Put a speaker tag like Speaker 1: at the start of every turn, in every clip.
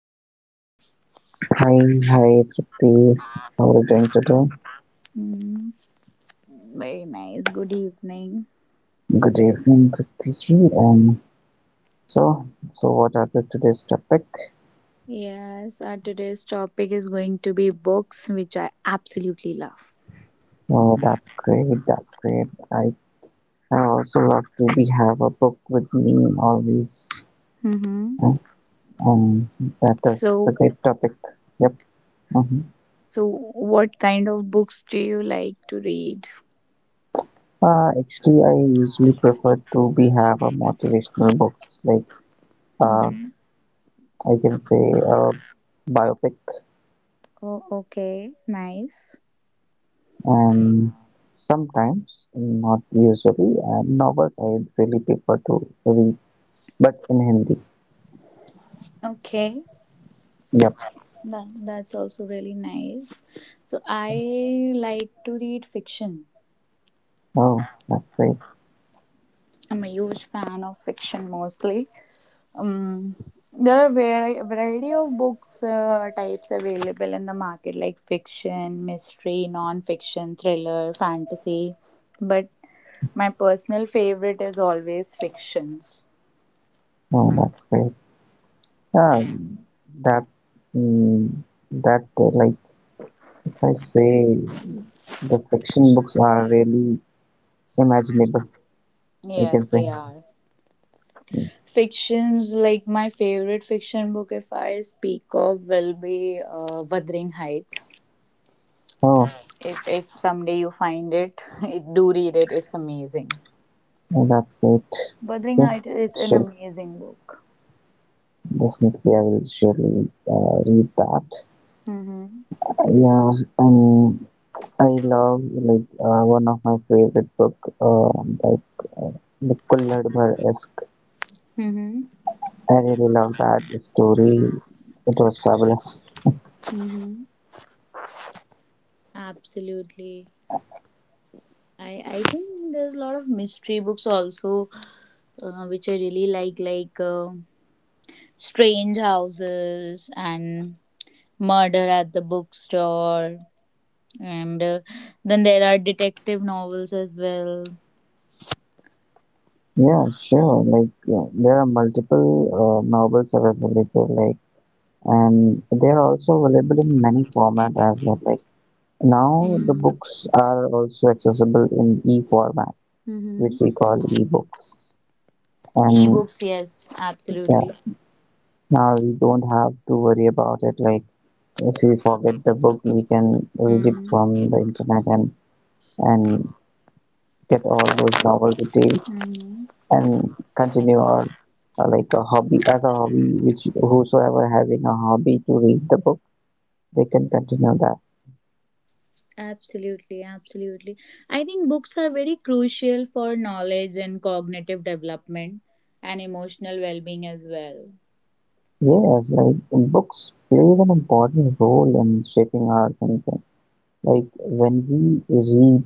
Speaker 1: you?
Speaker 2: Hi, hi, Tripti. How are you doing today?
Speaker 1: Hmm. Very nice. Good evening.
Speaker 2: Good evening, Tripti. Um, so what are the today's topic?
Speaker 1: Yes, our today's topic is going to be books, which I absolutely love.
Speaker 2: Oh, that's great. That's great. I also love to be have a book with me always.
Speaker 1: Mm-hmm.
Speaker 2: Uh, Um, that is the
Speaker 1: So,
Speaker 2: great topic. Yep. hmm
Speaker 1: so what kind of books do you like to read?
Speaker 2: Actually, I usually prefer to be have a motivational books like uh,
Speaker 1: Mm-hmm.
Speaker 2: I can say a biopic,
Speaker 1: Oh, okay, nice.
Speaker 2: and sometimes, not usually, novels I really prefer to read, but in Hindi.
Speaker 1: Okay,
Speaker 2: Yep.
Speaker 1: that's also really nice. So I like to read fiction.
Speaker 2: Oh, that's great.
Speaker 1: I'm a huge fan of fiction mostly. Um, there are variety of books types available in the market, like fiction, mystery, non-fiction, thriller, fantasy. But my personal favorite is always fictions.
Speaker 2: Oh, that's great. Um, that, mm, that Like if I say, the fiction books are really imaginable, I can
Speaker 1: Yes,
Speaker 2: say.
Speaker 1: they are. Fictions, like my favorite fiction book, if I speak of, will be Wuthering Heights.
Speaker 2: Oh,
Speaker 1: If someday you find it, do read it. It's amazing.
Speaker 2: oh, that's great.
Speaker 1: Wuthering
Speaker 2: Okay,
Speaker 1: Heights is an
Speaker 2: sure.
Speaker 1: amazing book.
Speaker 2: Definitely, I will surely read that.
Speaker 1: Mm-hmm.
Speaker 2: Yeah, um, I love like one of my favorite book, uh, like uh, the Kullad Bhar-esque.
Speaker 1: Mm-hmm.
Speaker 2: I really love that story. It was fabulous.
Speaker 1: Mm-hmm. Absolutely. I think there's a lot of mystery books also, which I really like Strange Houses and Murder at the Bookstore, and then there are detective novels as well.
Speaker 2: Yeah, sure. Like yeah, there are multiple novels available, like, and they are also available in many format as well. Like now, the
Speaker 1: Mm-hmm.
Speaker 2: books are also accessible in e-format, which we call e-books. And
Speaker 1: E-books, yes,
Speaker 2: yeah,
Speaker 1: absolutely.
Speaker 2: now we don't have to worry about it. Like if we forget the book, we can read it
Speaker 1: Mm-hmm.
Speaker 2: from the internet, and get all those novel details and continue our like a hobby as a hobby. Which whosoever having a hobby to read the book, they can continue that.
Speaker 1: Absolutely, absolutely. I think books are very crucial for knowledge and cognitive development and emotional well being as well.
Speaker 2: Yes, like books plays an important role in shaping our thinking. Like when we read,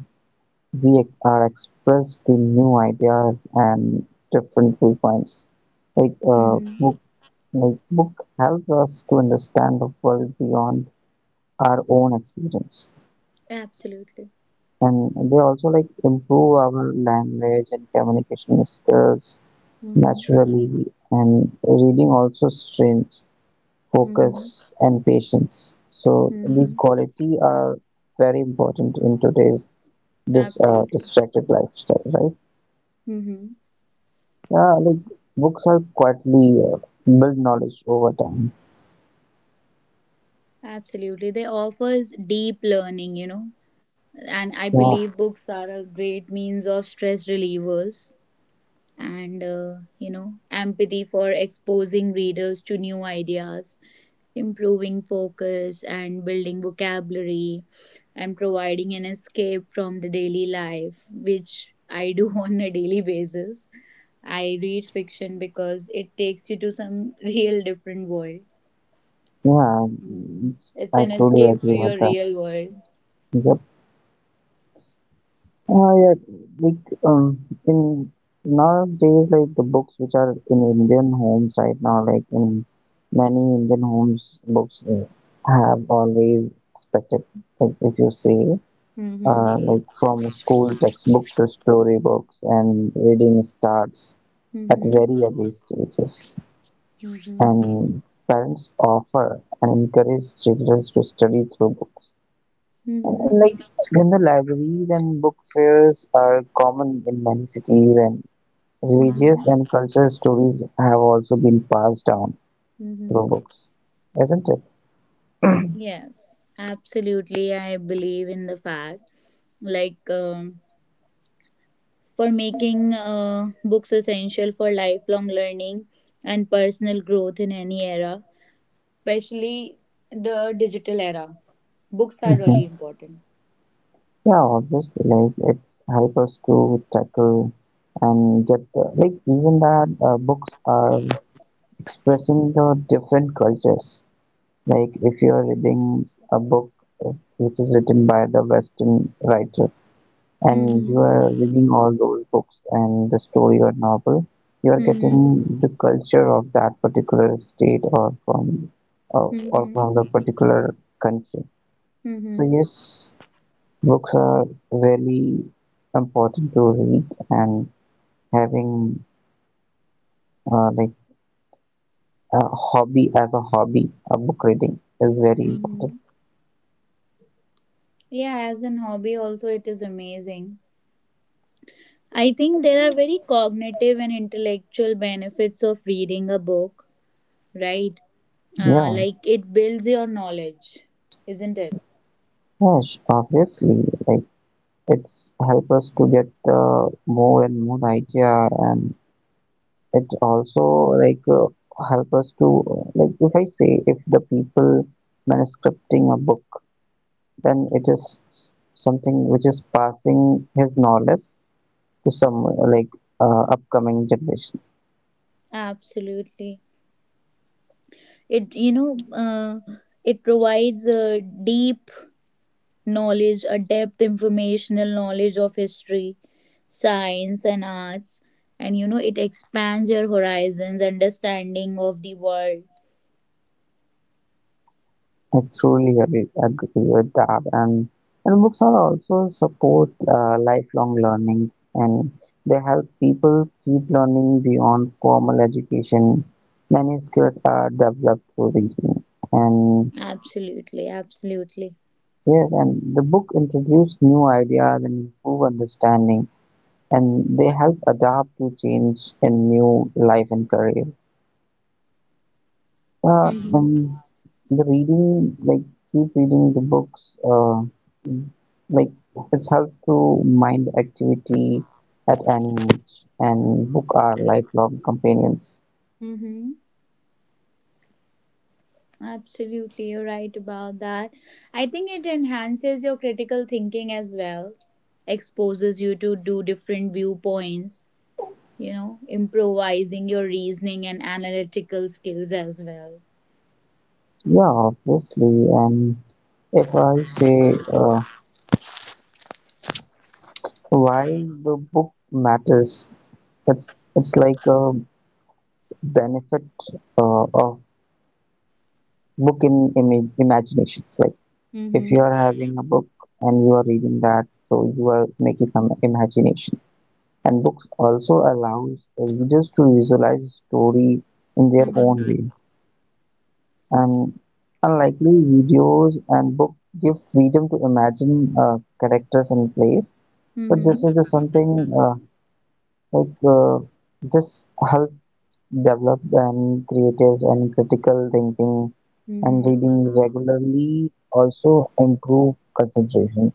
Speaker 2: we are exposed to new ideas and different viewpoints. Like uh,
Speaker 1: Mm-hmm.
Speaker 2: book Like book help us to understand the world beyond our own experience.
Speaker 1: Absolutely.
Speaker 2: And they also like improve our language and communication skills
Speaker 1: Mm-hmm.
Speaker 2: naturally. And reading also strains
Speaker 1: Mm-hmm.
Speaker 2: focus and patience. So
Speaker 1: Mm-hmm.
Speaker 2: these quality are very important in today's this
Speaker 1: Absolutely.
Speaker 2: distracted lifestyle, right?
Speaker 1: Mm-hmm.
Speaker 2: Yeah, like books help quietly build knowledge over time.
Speaker 1: Absolutely. They offers deep learning, you know, and I
Speaker 2: Yeah,
Speaker 1: believe books are a great means of stress relievers and you know empathy for exposing readers to new ideas, improving focus and building vocabulary and providing an escape from the daily life, which I do on a daily basis. I read fiction because it takes you to some real different world.
Speaker 2: yeah,
Speaker 1: Mm.
Speaker 2: it's-
Speaker 1: It's
Speaker 2: I
Speaker 1: an
Speaker 2: truly
Speaker 1: escape to
Speaker 2: agree with
Speaker 1: your
Speaker 2: that.
Speaker 1: real world.
Speaker 2: Yep. Yeah, like in nowadays, like the books which are in Indian homes right now, like in many Indian homes, books have always expected, like if you see,
Speaker 1: Mm-hmm.
Speaker 2: like from school textbook to storybooks, and reading starts at
Speaker 1: Mm-hmm.
Speaker 2: very early stages,
Speaker 1: Mm-hmm.
Speaker 2: and parents offer and encourage children to study through books.
Speaker 1: Mm-hmm.
Speaker 2: Like in the libraries and book fairs are common in many cities, and religious
Speaker 1: Mm-hmm.
Speaker 2: and cultural stories have also been passed down
Speaker 1: Mm-hmm.
Speaker 2: through books, isn't it?
Speaker 1: Yes, absolutely. I believe in the fact, like, for making books essential for lifelong learning and personal growth in any era, especially the digital era. Books are really
Speaker 2: hmm
Speaker 1: important.
Speaker 2: Yeah, obviously, like it's help us to tackle and get the, like even that books are expressing the different cultures. Like if you are reading a book uh, which is written by the Western writer, and you
Speaker 1: Mm-hmm.
Speaker 2: are reading all those books and the story or novel, you are
Speaker 1: Mm-hmm.
Speaker 2: getting the culture of that particular state or from or
Speaker 1: Mm-hmm.
Speaker 2: from the particular country. So
Speaker 1: Mm-hmm.
Speaker 2: yes, books are really important to read, and having like a hobby as a hobby, a book reading is very important.
Speaker 1: Mm-hmm. Yeah, as an hobby, also, it is amazing. I think there are very cognitive and intellectual benefits of reading a book, right?
Speaker 2: Yeah,
Speaker 1: Like it builds your knowledge, isn't it?
Speaker 2: yes, obviously, like it's help us to get more and more idea, and it also like help us to like if I say, if the people manuscripting a book, then it is s- something which is passing his knowledge to some upcoming generations.
Speaker 1: Absolutely. It, you know, it provides a deep knowledge, a depth informational knowledge of history, science and arts. And you know, it expands your horizons understanding of the world.
Speaker 2: I truly agree with that. And books are also support lifelong learning, and they help people keep learning beyond formal education. Many skills are developed through reading. And
Speaker 1: Absolutely, absolutely.
Speaker 2: yes, and the book introduces new ideas and improve understanding, and they help adapt to change in new life and career.
Speaker 1: Mm-hmm.
Speaker 2: And the reading, like keep reading the books, like it's helped to mind activity at any age, and book are lifelong companions.
Speaker 1: Mm-hmm. Absolutely, you're right about that. I think it enhances your critical thinking as well, exposes you to do different viewpoints, you know, improvising your reasoning and analytical skills as well.
Speaker 2: Yeah, obviously. And if I say why the book matters, it's like benefit of book in image imaginations. Like if you
Speaker 1: Mm-hmm.
Speaker 2: are having a book and you are reading that, so you are making some imagination, and books also allows readers to visualize story in their own
Speaker 1: Mm-hmm.
Speaker 2: way, and unlikely videos, and book give freedom to imagine characters and place. But this
Speaker 1: Mm-hmm.
Speaker 2: is just something like uh, just help develop and creative and critical thinking, and
Speaker 1: Mm-hmm.
Speaker 2: reading regularly also improve concentration.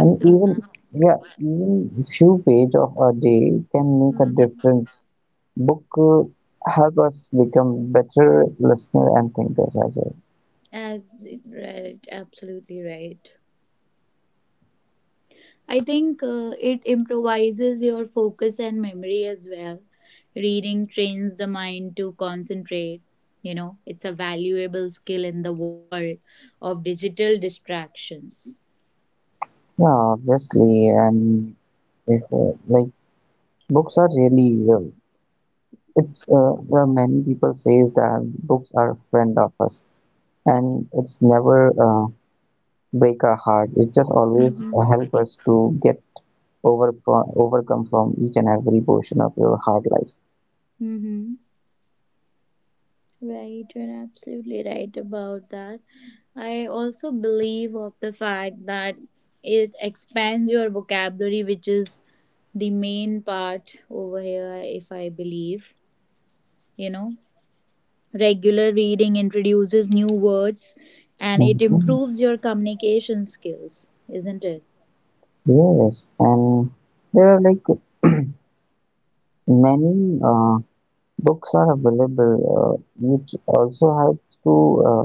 Speaker 2: And even yeah, even few page of a day can make a
Speaker 1: Mm-hmm.
Speaker 2: difference. Book help us become better listener and thinkers as well.
Speaker 1: As right, absolutely right. I think it improvises your focus and memory as well. Reading trains the mind to concentrate. You know, it's a valuable skill in the world of digital distractions.
Speaker 2: Yeah, obviously. And if like books are really well, it's there are many people says that books are friend of us, and it's never break our heart. It just always
Speaker 1: Mm-hmm.
Speaker 2: help us to get over from overcome from each and every portion of your hard life.
Speaker 1: Mm-hmm. Right, you're absolutely right about that. I also believe of the fact that it expands your vocabulary, which is the main part over here, if I believe. You know, regular reading introduces new words and it
Speaker 2: hmm
Speaker 1: improves your communication skills, isn't it?
Speaker 2: Yes, and there are like many books are available, which also helps to uh,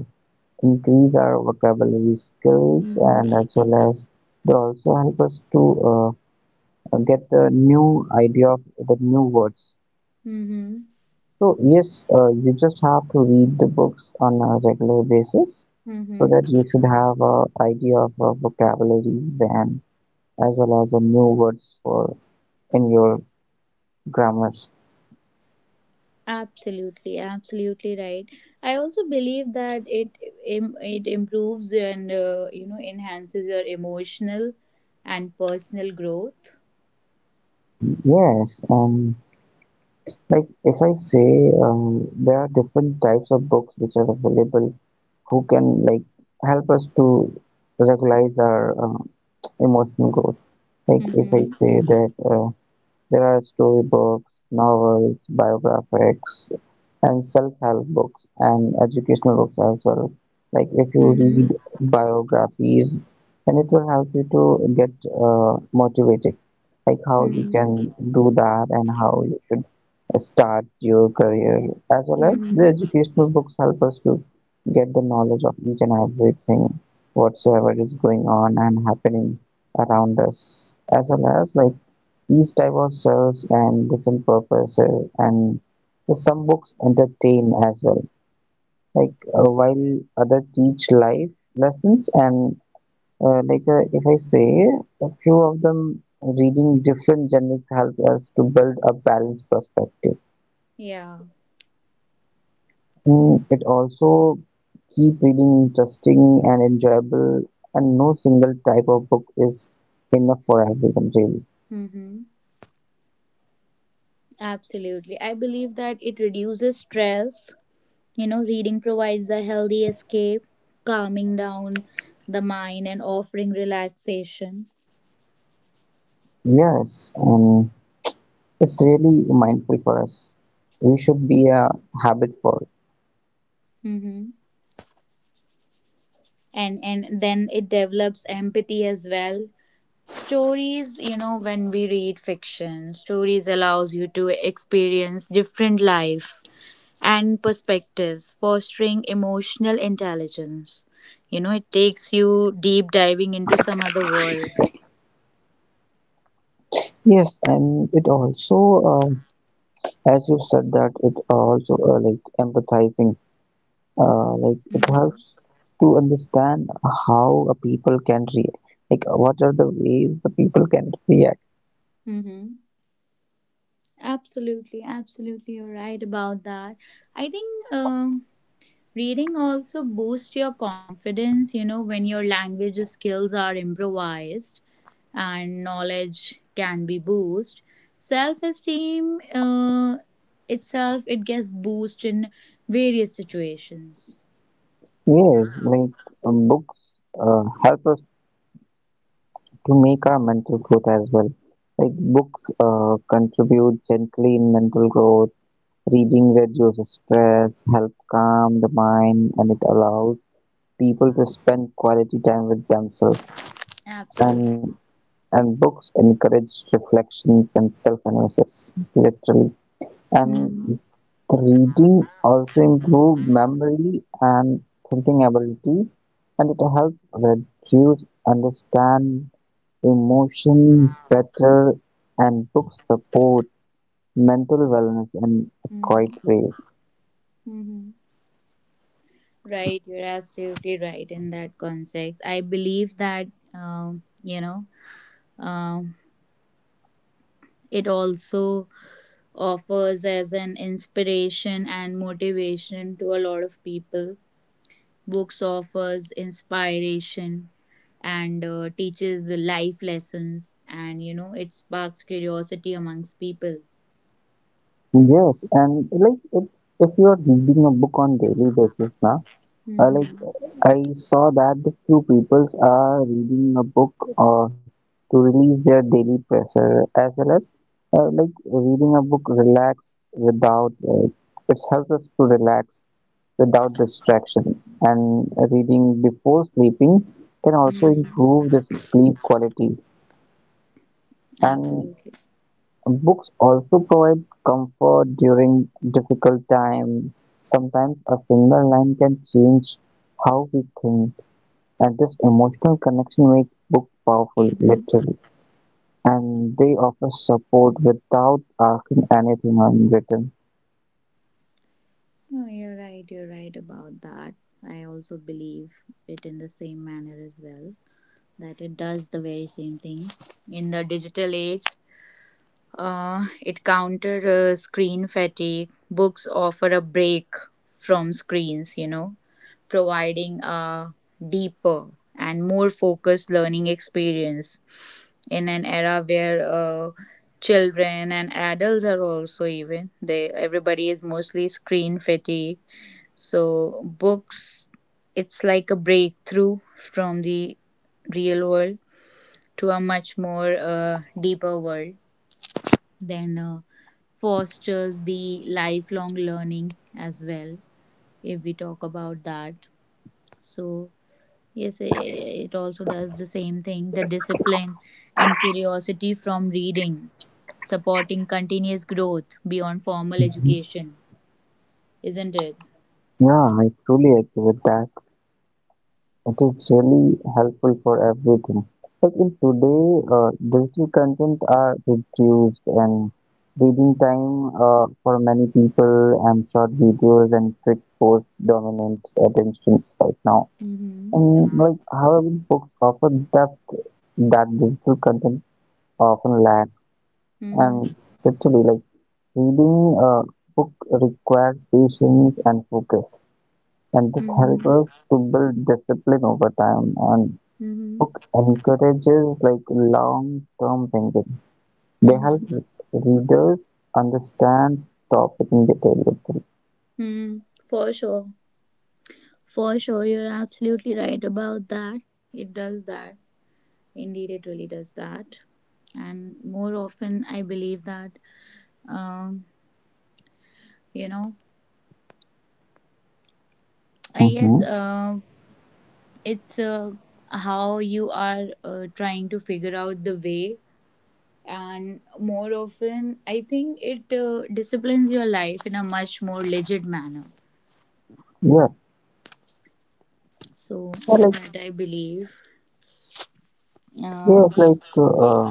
Speaker 2: increase our vocabulary skills,
Speaker 1: Mm-hmm.
Speaker 2: and as well as they also help us to uh, get the new idea of the new words.
Speaker 1: Mm-hmm.
Speaker 2: So yes, you just have to read the books on a regular basis, so that
Speaker 1: Mm-hmm.
Speaker 2: you should have a idea of vocabularies, and as well as the new words for in your grammars.
Speaker 1: Absolutely, absolutely right. I also believe that it it improves and you know enhances your emotional and personal growth.
Speaker 2: Yes, like if I say, there are different types of books which are available, who can like help us to regularize our emotional growth. Like if I
Speaker 1: Mm-hmm.
Speaker 2: say that. There are storybooks, novels, biographies, and self-help books and educational books as well. Like if you
Speaker 1: Mm-hmm.
Speaker 2: read biographies, then it will help you to get motivated, like how you
Speaker 1: Mm-hmm.
Speaker 2: can do that and how you should start your career. As well as
Speaker 1: Mm-hmm.
Speaker 2: the educational books help us to get the knowledge of each and everything whatsoever is going on and happening around us, as well as like each type of serves and different purposes, and some books entertain as well. Like while other teach life lessons, and if I say, a few of them reading different genres help us to build a balanced perspective.
Speaker 1: Yeah.
Speaker 2: It also keep reading interesting and enjoyable, and no single type of book is enough for everyone really.
Speaker 1: Mm-hmm. Absolutely. I believe that it reduces stress. You know, reading provides a healthy escape, calming down the mind and offering relaxation.
Speaker 2: Yes, and it's really mindful for us. We should be a habit for it.
Speaker 1: Hmm. And then it develops empathy as well. Stories, you know, when we read fiction, stories allows you to experience different life and perspectives, fostering emotional intelligence. You know, it takes you deep diving into some other world.
Speaker 2: Yes, and it also, um, as you said that it also like empathizing, like it helps to understand how a people can react. Like what are the ways the people can react?
Speaker 1: Hmm. Absolutely, absolutely, you're right about that. I think um, reading also boosts your confidence, you know, when your language skills are improvised and knowledge can be boosted. Self esteem itself, it gets boosted in various situations.
Speaker 2: Yes, like books help us to make our mental growth as well. Like books contribute gently in mental growth. Reading reduces stress, helps calm the mind, and it allows people to spend quality time with themselves. And
Speaker 1: Absolutely.
Speaker 2: and books encourage reflections and self-analysis, literally. And
Speaker 1: Hmm.
Speaker 2: reading also improves memory and thinking ability, and it helps reduce understand emotion better. And books support mental wellness in a quiet
Speaker 1: Mm-hmm.
Speaker 2: way.
Speaker 1: Mm-hmm. Right, you're absolutely right in that context. I believe that, um, you know, um. It also offers as an inspiration and motivation to a lot of people. Books offers inspiration and teaches the life lessons, and you know it sparks curiosity amongst people.
Speaker 2: Yes, and like if you are reading a book on daily basis now, like
Speaker 1: Mm-hmm.
Speaker 2: I saw that the few peoples are reading a book to release their daily pressure, as well as like reading a book relax without it helps us to relax without distraction, and reading before sleeping can also
Speaker 1: Mm-hmm.
Speaker 2: improve the sleep quality. And
Speaker 1: Absolutely.
Speaker 2: books also provide comfort during difficult times. Sometimes a single line can change how we think, and this emotional connection makes books powerful,
Speaker 1: Mm-hmm.
Speaker 2: literally. And they offer support without asking anything in return.
Speaker 1: No, you're right. You're right about that. I also believe it in the same manner as well, that it does the very same thing. In the digital age, it countered screen fatigue. Books offer a break from screens, you know, providing a deeper and more focused learning experience in an era where children and adults are also, even they, everybody is mostly screen fatigue. So books, it's like a breakthrough from the real world to a much more deeper world, then fosters the lifelong learning as well, if we talk about that. So yes, it also does the same thing, the discipline and curiosity from reading, supporting continuous growth beyond formal education, isn't it?
Speaker 2: Yeah, I truly agree with that. It is really helpful for everything. Like in today, digital content are reduced and reading time for many people, and short videos and quick posts dominate attentions right now.
Speaker 1: Mm-hmm.
Speaker 2: And like however, books offer depth that digital content often lack.
Speaker 1: Mm-hmm.
Speaker 2: And literally, like reading a book requires patience and focus, and this helps
Speaker 1: Mm-hmm.
Speaker 2: us to build discipline over time, and
Speaker 1: Mm-hmm.
Speaker 2: book encourages like long-term thinking. They help
Speaker 1: Mm-hmm.
Speaker 2: readers understand topic in detail. Actually.
Speaker 1: Mm-hmm. For sure, for sure, you're absolutely right about that. It does that, indeed it really does that. And more often I believe that, um, you know, I guess
Speaker 2: hmm
Speaker 1: it's how you are trying to figure out the way, and more often I think it disciplines your life in a much more legit manner.
Speaker 2: Yeah.
Speaker 1: So
Speaker 2: Yeah, like
Speaker 1: that I believe, uh,
Speaker 2: yes, like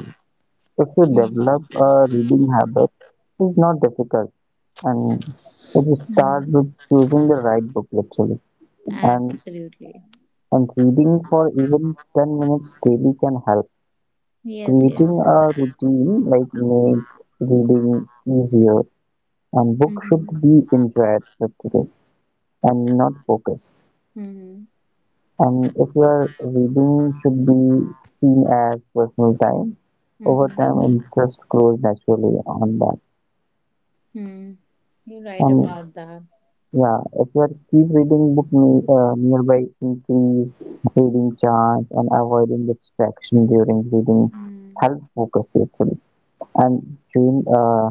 Speaker 2: if you
Speaker 1: mhm,
Speaker 2: develop a reading habit, it's not difficult, and if you
Speaker 1: mhm.
Speaker 2: start with choosing the right book literally, and
Speaker 1: Absolutely.
Speaker 2: and reading for even 10 minutes daily can help.
Speaker 1: Yes,
Speaker 2: Creating
Speaker 1: yes.
Speaker 2: a routine like make reading easier, and book should
Speaker 1: Mm-hmm,
Speaker 2: be enjoyed actually, and not focused.
Speaker 1: mm-hmm,
Speaker 2: And if you are reading should be seen as personal time, over
Speaker 1: mm-hmm,
Speaker 2: time it just grows naturally on that.
Speaker 1: mm. You're right
Speaker 2: And
Speaker 1: about that.
Speaker 2: yeah, if you are keep reading book ne- nearby, increase reading chance, and avoiding distraction during reading
Speaker 1: Mm.
Speaker 2: help focus actually. And during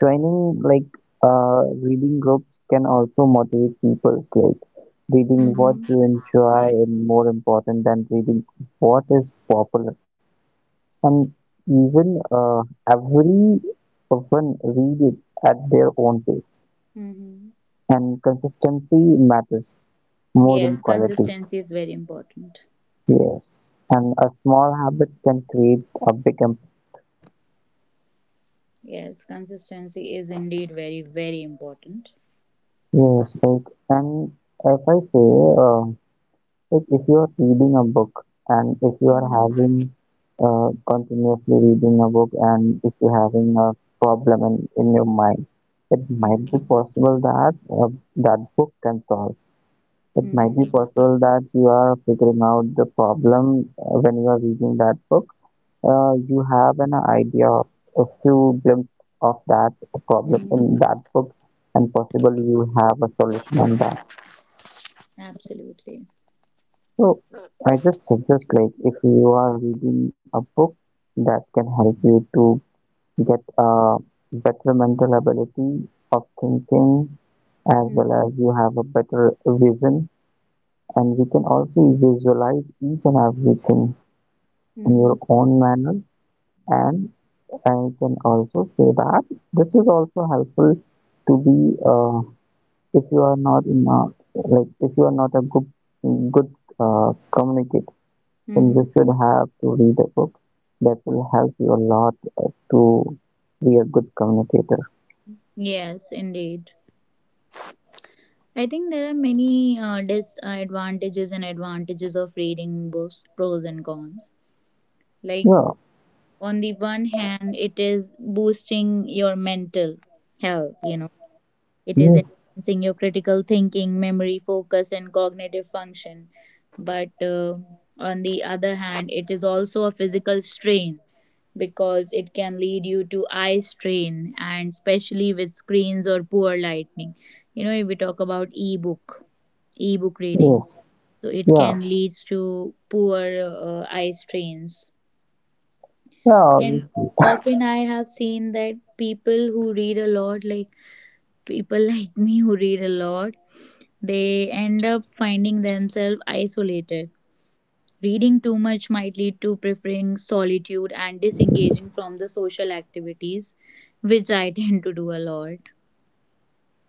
Speaker 2: joining like reading groups can also motivate people. Like reading what
Speaker 1: Mm-hmm,
Speaker 2: you enjoy is more important than reading what is popular. And even every one read it at their own pace.
Speaker 1: mm-hmm.
Speaker 2: And consistency matters more
Speaker 1: Yes,
Speaker 2: than quality.
Speaker 1: consistency is very important.
Speaker 2: Yes, and a small habit can create a big impact.
Speaker 1: Yes, consistency is indeed very, very important.
Speaker 2: Yes, like and if I say uh, like if you are reading a book, and if you are
Speaker 1: Mm.
Speaker 2: having continuously reading a book, and if you're having a problem in your mind, it might be
Speaker 1: Mm.
Speaker 2: possible that that book can solve. It might be
Speaker 1: Mm-hmm.
Speaker 2: possible that you are figuring out the problem when you are reading that book. You have an idea of a few glimpse of that problem
Speaker 1: Mm.
Speaker 2: in that book, and possibly you have a solution on that.
Speaker 1: Absolutely.
Speaker 2: So I just suggest, like if you are reading a book that can help you to get a better mental ability of thinking, as
Speaker 1: Mm.
Speaker 2: well as you have a better vision, and you can also visualize each and everything in
Speaker 1: Mm-hmm.
Speaker 2: your own manner. And I can also say that this is also helpful to be if you are not in a, like if you are not a good good communicator, then
Speaker 1: Mm-hmm.
Speaker 2: you should have to read a book that will help you a lot to be a good communicator.
Speaker 1: Yes, indeed. I think there are many disadvantages and advantages of reading books, pros and cons. Like,
Speaker 2: Yeah,
Speaker 1: on the one hand, it is boosting your mental health, you know it is
Speaker 2: yes,
Speaker 1: enhancing your critical thinking, memory, focus, and cognitive function. But on the other hand, it is also a physical strain because it can lead you to eye strain, and especially with screens or poor lighting, you know, if we talk about ebook, ebook reading,
Speaker 2: yes,
Speaker 1: so it
Speaker 2: yeah,
Speaker 1: can leads to poor eye strains.
Speaker 2: yeah,
Speaker 1: And
Speaker 2: obviously,
Speaker 1: often I have seen that people who read a lot, like people like me who read a lot, they end up finding themselves isolated. Reading too much might lead to preferring solitude and disengaging from the social activities, which I tend to do a lot.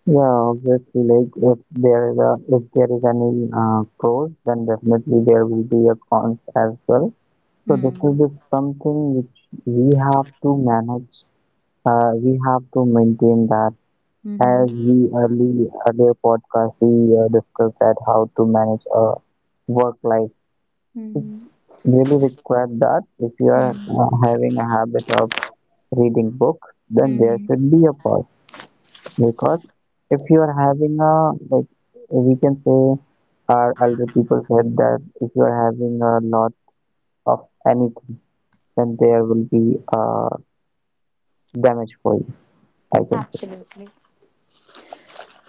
Speaker 2: yeah, obviously, like if there is a, if there is any pros, then definitely there will be a cons as well. So this
Speaker 1: Hmm.
Speaker 2: is just something which we have to manage. We have to maintain that.
Speaker 1: Mhm.
Speaker 2: As we early earlier podcast we discussed that how to manage a work life. It's
Speaker 1: Mhm.
Speaker 2: really required that if you are
Speaker 1: Mhm.
Speaker 2: having a habit of reading books, then there
Speaker 1: Mhm.
Speaker 2: should be a pause. Because if you are having a, like, we can say, our elder people said that if you are having a lot of anything, then there will be damage for you, I can say.
Speaker 1: Absolutely.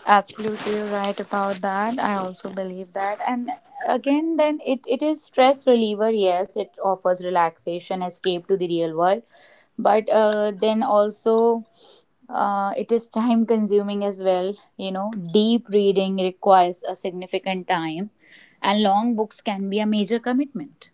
Speaker 1: Absolutely right about that. I also believe that. And again, then it is stress reliever. Yes, it offers relaxation, escape to the real world. But then also, it is time consuming as well. You know, deep reading requires a significant time, and long books can be a major commitment.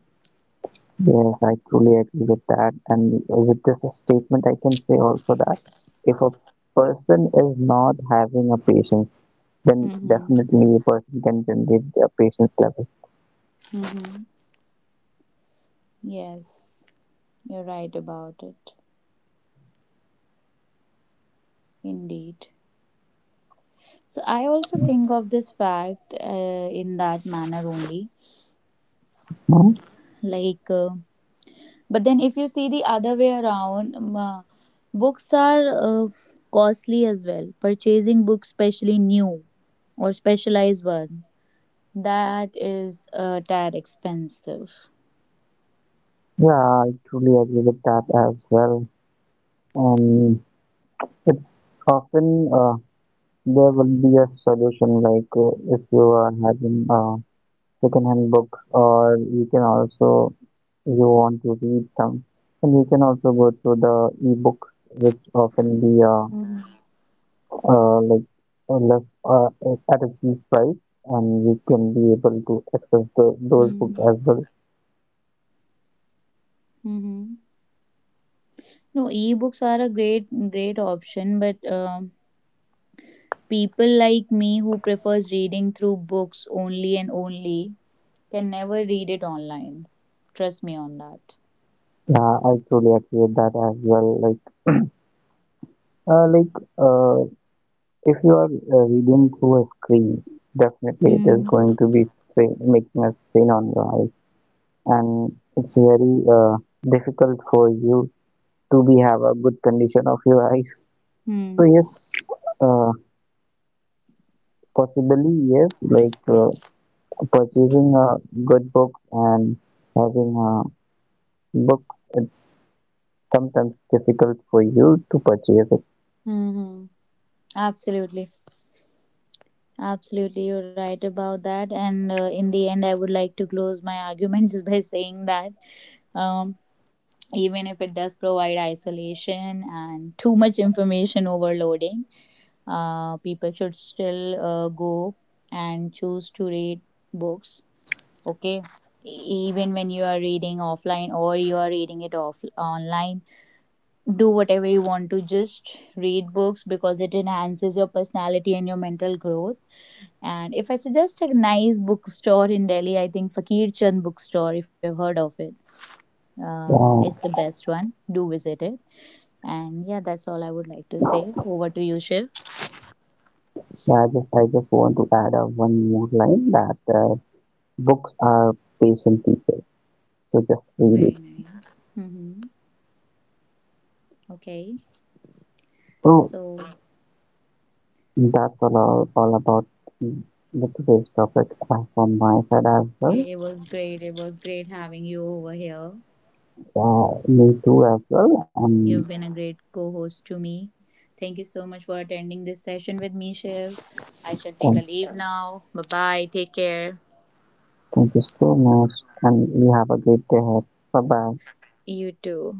Speaker 2: Yes, I truly agree with that. And with this statement, I can say also that if a person is not having a patience, then
Speaker 1: Mm-hmm.
Speaker 2: definitely a person can generate a patience level.
Speaker 1: Mm-hmm. Yes, you're right about it. Indeed. So I also think of this fact in that manner only.
Speaker 2: No?
Speaker 1: Like, but then if you see the other way around, books are uh, costly as well. Purchasing books, especially new or specialized one, that is a tad expensive.
Speaker 2: Yeah, I truly agree with that as well. And it's often there will be a solution, like if you are having a second-hand book, or you can also you want to read some. And you can also go to the ebooks, which often be
Speaker 1: Mm-hmm.
Speaker 2: uh, like less at a cheap price, and you can be able to access the, those books
Speaker 1: Mm-hmm.
Speaker 2: as well.
Speaker 1: No, ebooks are a great, great option, but people like me who prefers reading through books only and only can never read it online. Trust me on that.
Speaker 2: I truly agree with that as well. Like, uh, like uh, if you are reading through a screen, definitely it is
Speaker 1: Hmm.
Speaker 2: going to be strain, making a strain on your eyes, and it's very difficult for you to be have a good condition of your eyes. So
Speaker 1: Hmm.
Speaker 2: yes, uh, possibly yes, like purchasing a good book and having a book, it's sometimes difficult for you to purchase it.
Speaker 1: Hmm. Absolutely. Absolutely. You're right about that. And in the end, I would like to close my argument just by saying that um, even if it does provide isolation and too much information overloading, people should still go and choose to read books. Okay. Even when you are reading offline or you are reading it off online, do whatever you want to just read books because it enhances your personality and your mental growth. And if I suggest a nice bookstore in Delhi, I think Fakir Chand bookstore, if you've heard of it,
Speaker 2: Uh,
Speaker 1: it's the best one, do visit it. And yeah, that's all I would like to say. Over to you, Shiv.
Speaker 2: I just I just want to add one more line that books are patient people, so just
Speaker 1: Very
Speaker 2: read it.
Speaker 1: nice. Mm-hmm. Okay,
Speaker 2: So
Speaker 1: so
Speaker 2: that's all about the today's topic from my side as
Speaker 1: it
Speaker 2: well.
Speaker 1: it was great having you over here.
Speaker 2: Me too as well, and
Speaker 1: You've been a great co host to me. Thank you so much for attending this session with me, Shiv. I shall take
Speaker 2: um,
Speaker 1: a leave now. Bye bye. Take care.
Speaker 2: thank you so much, and you have a great day ahead. Bye bye.
Speaker 1: You too.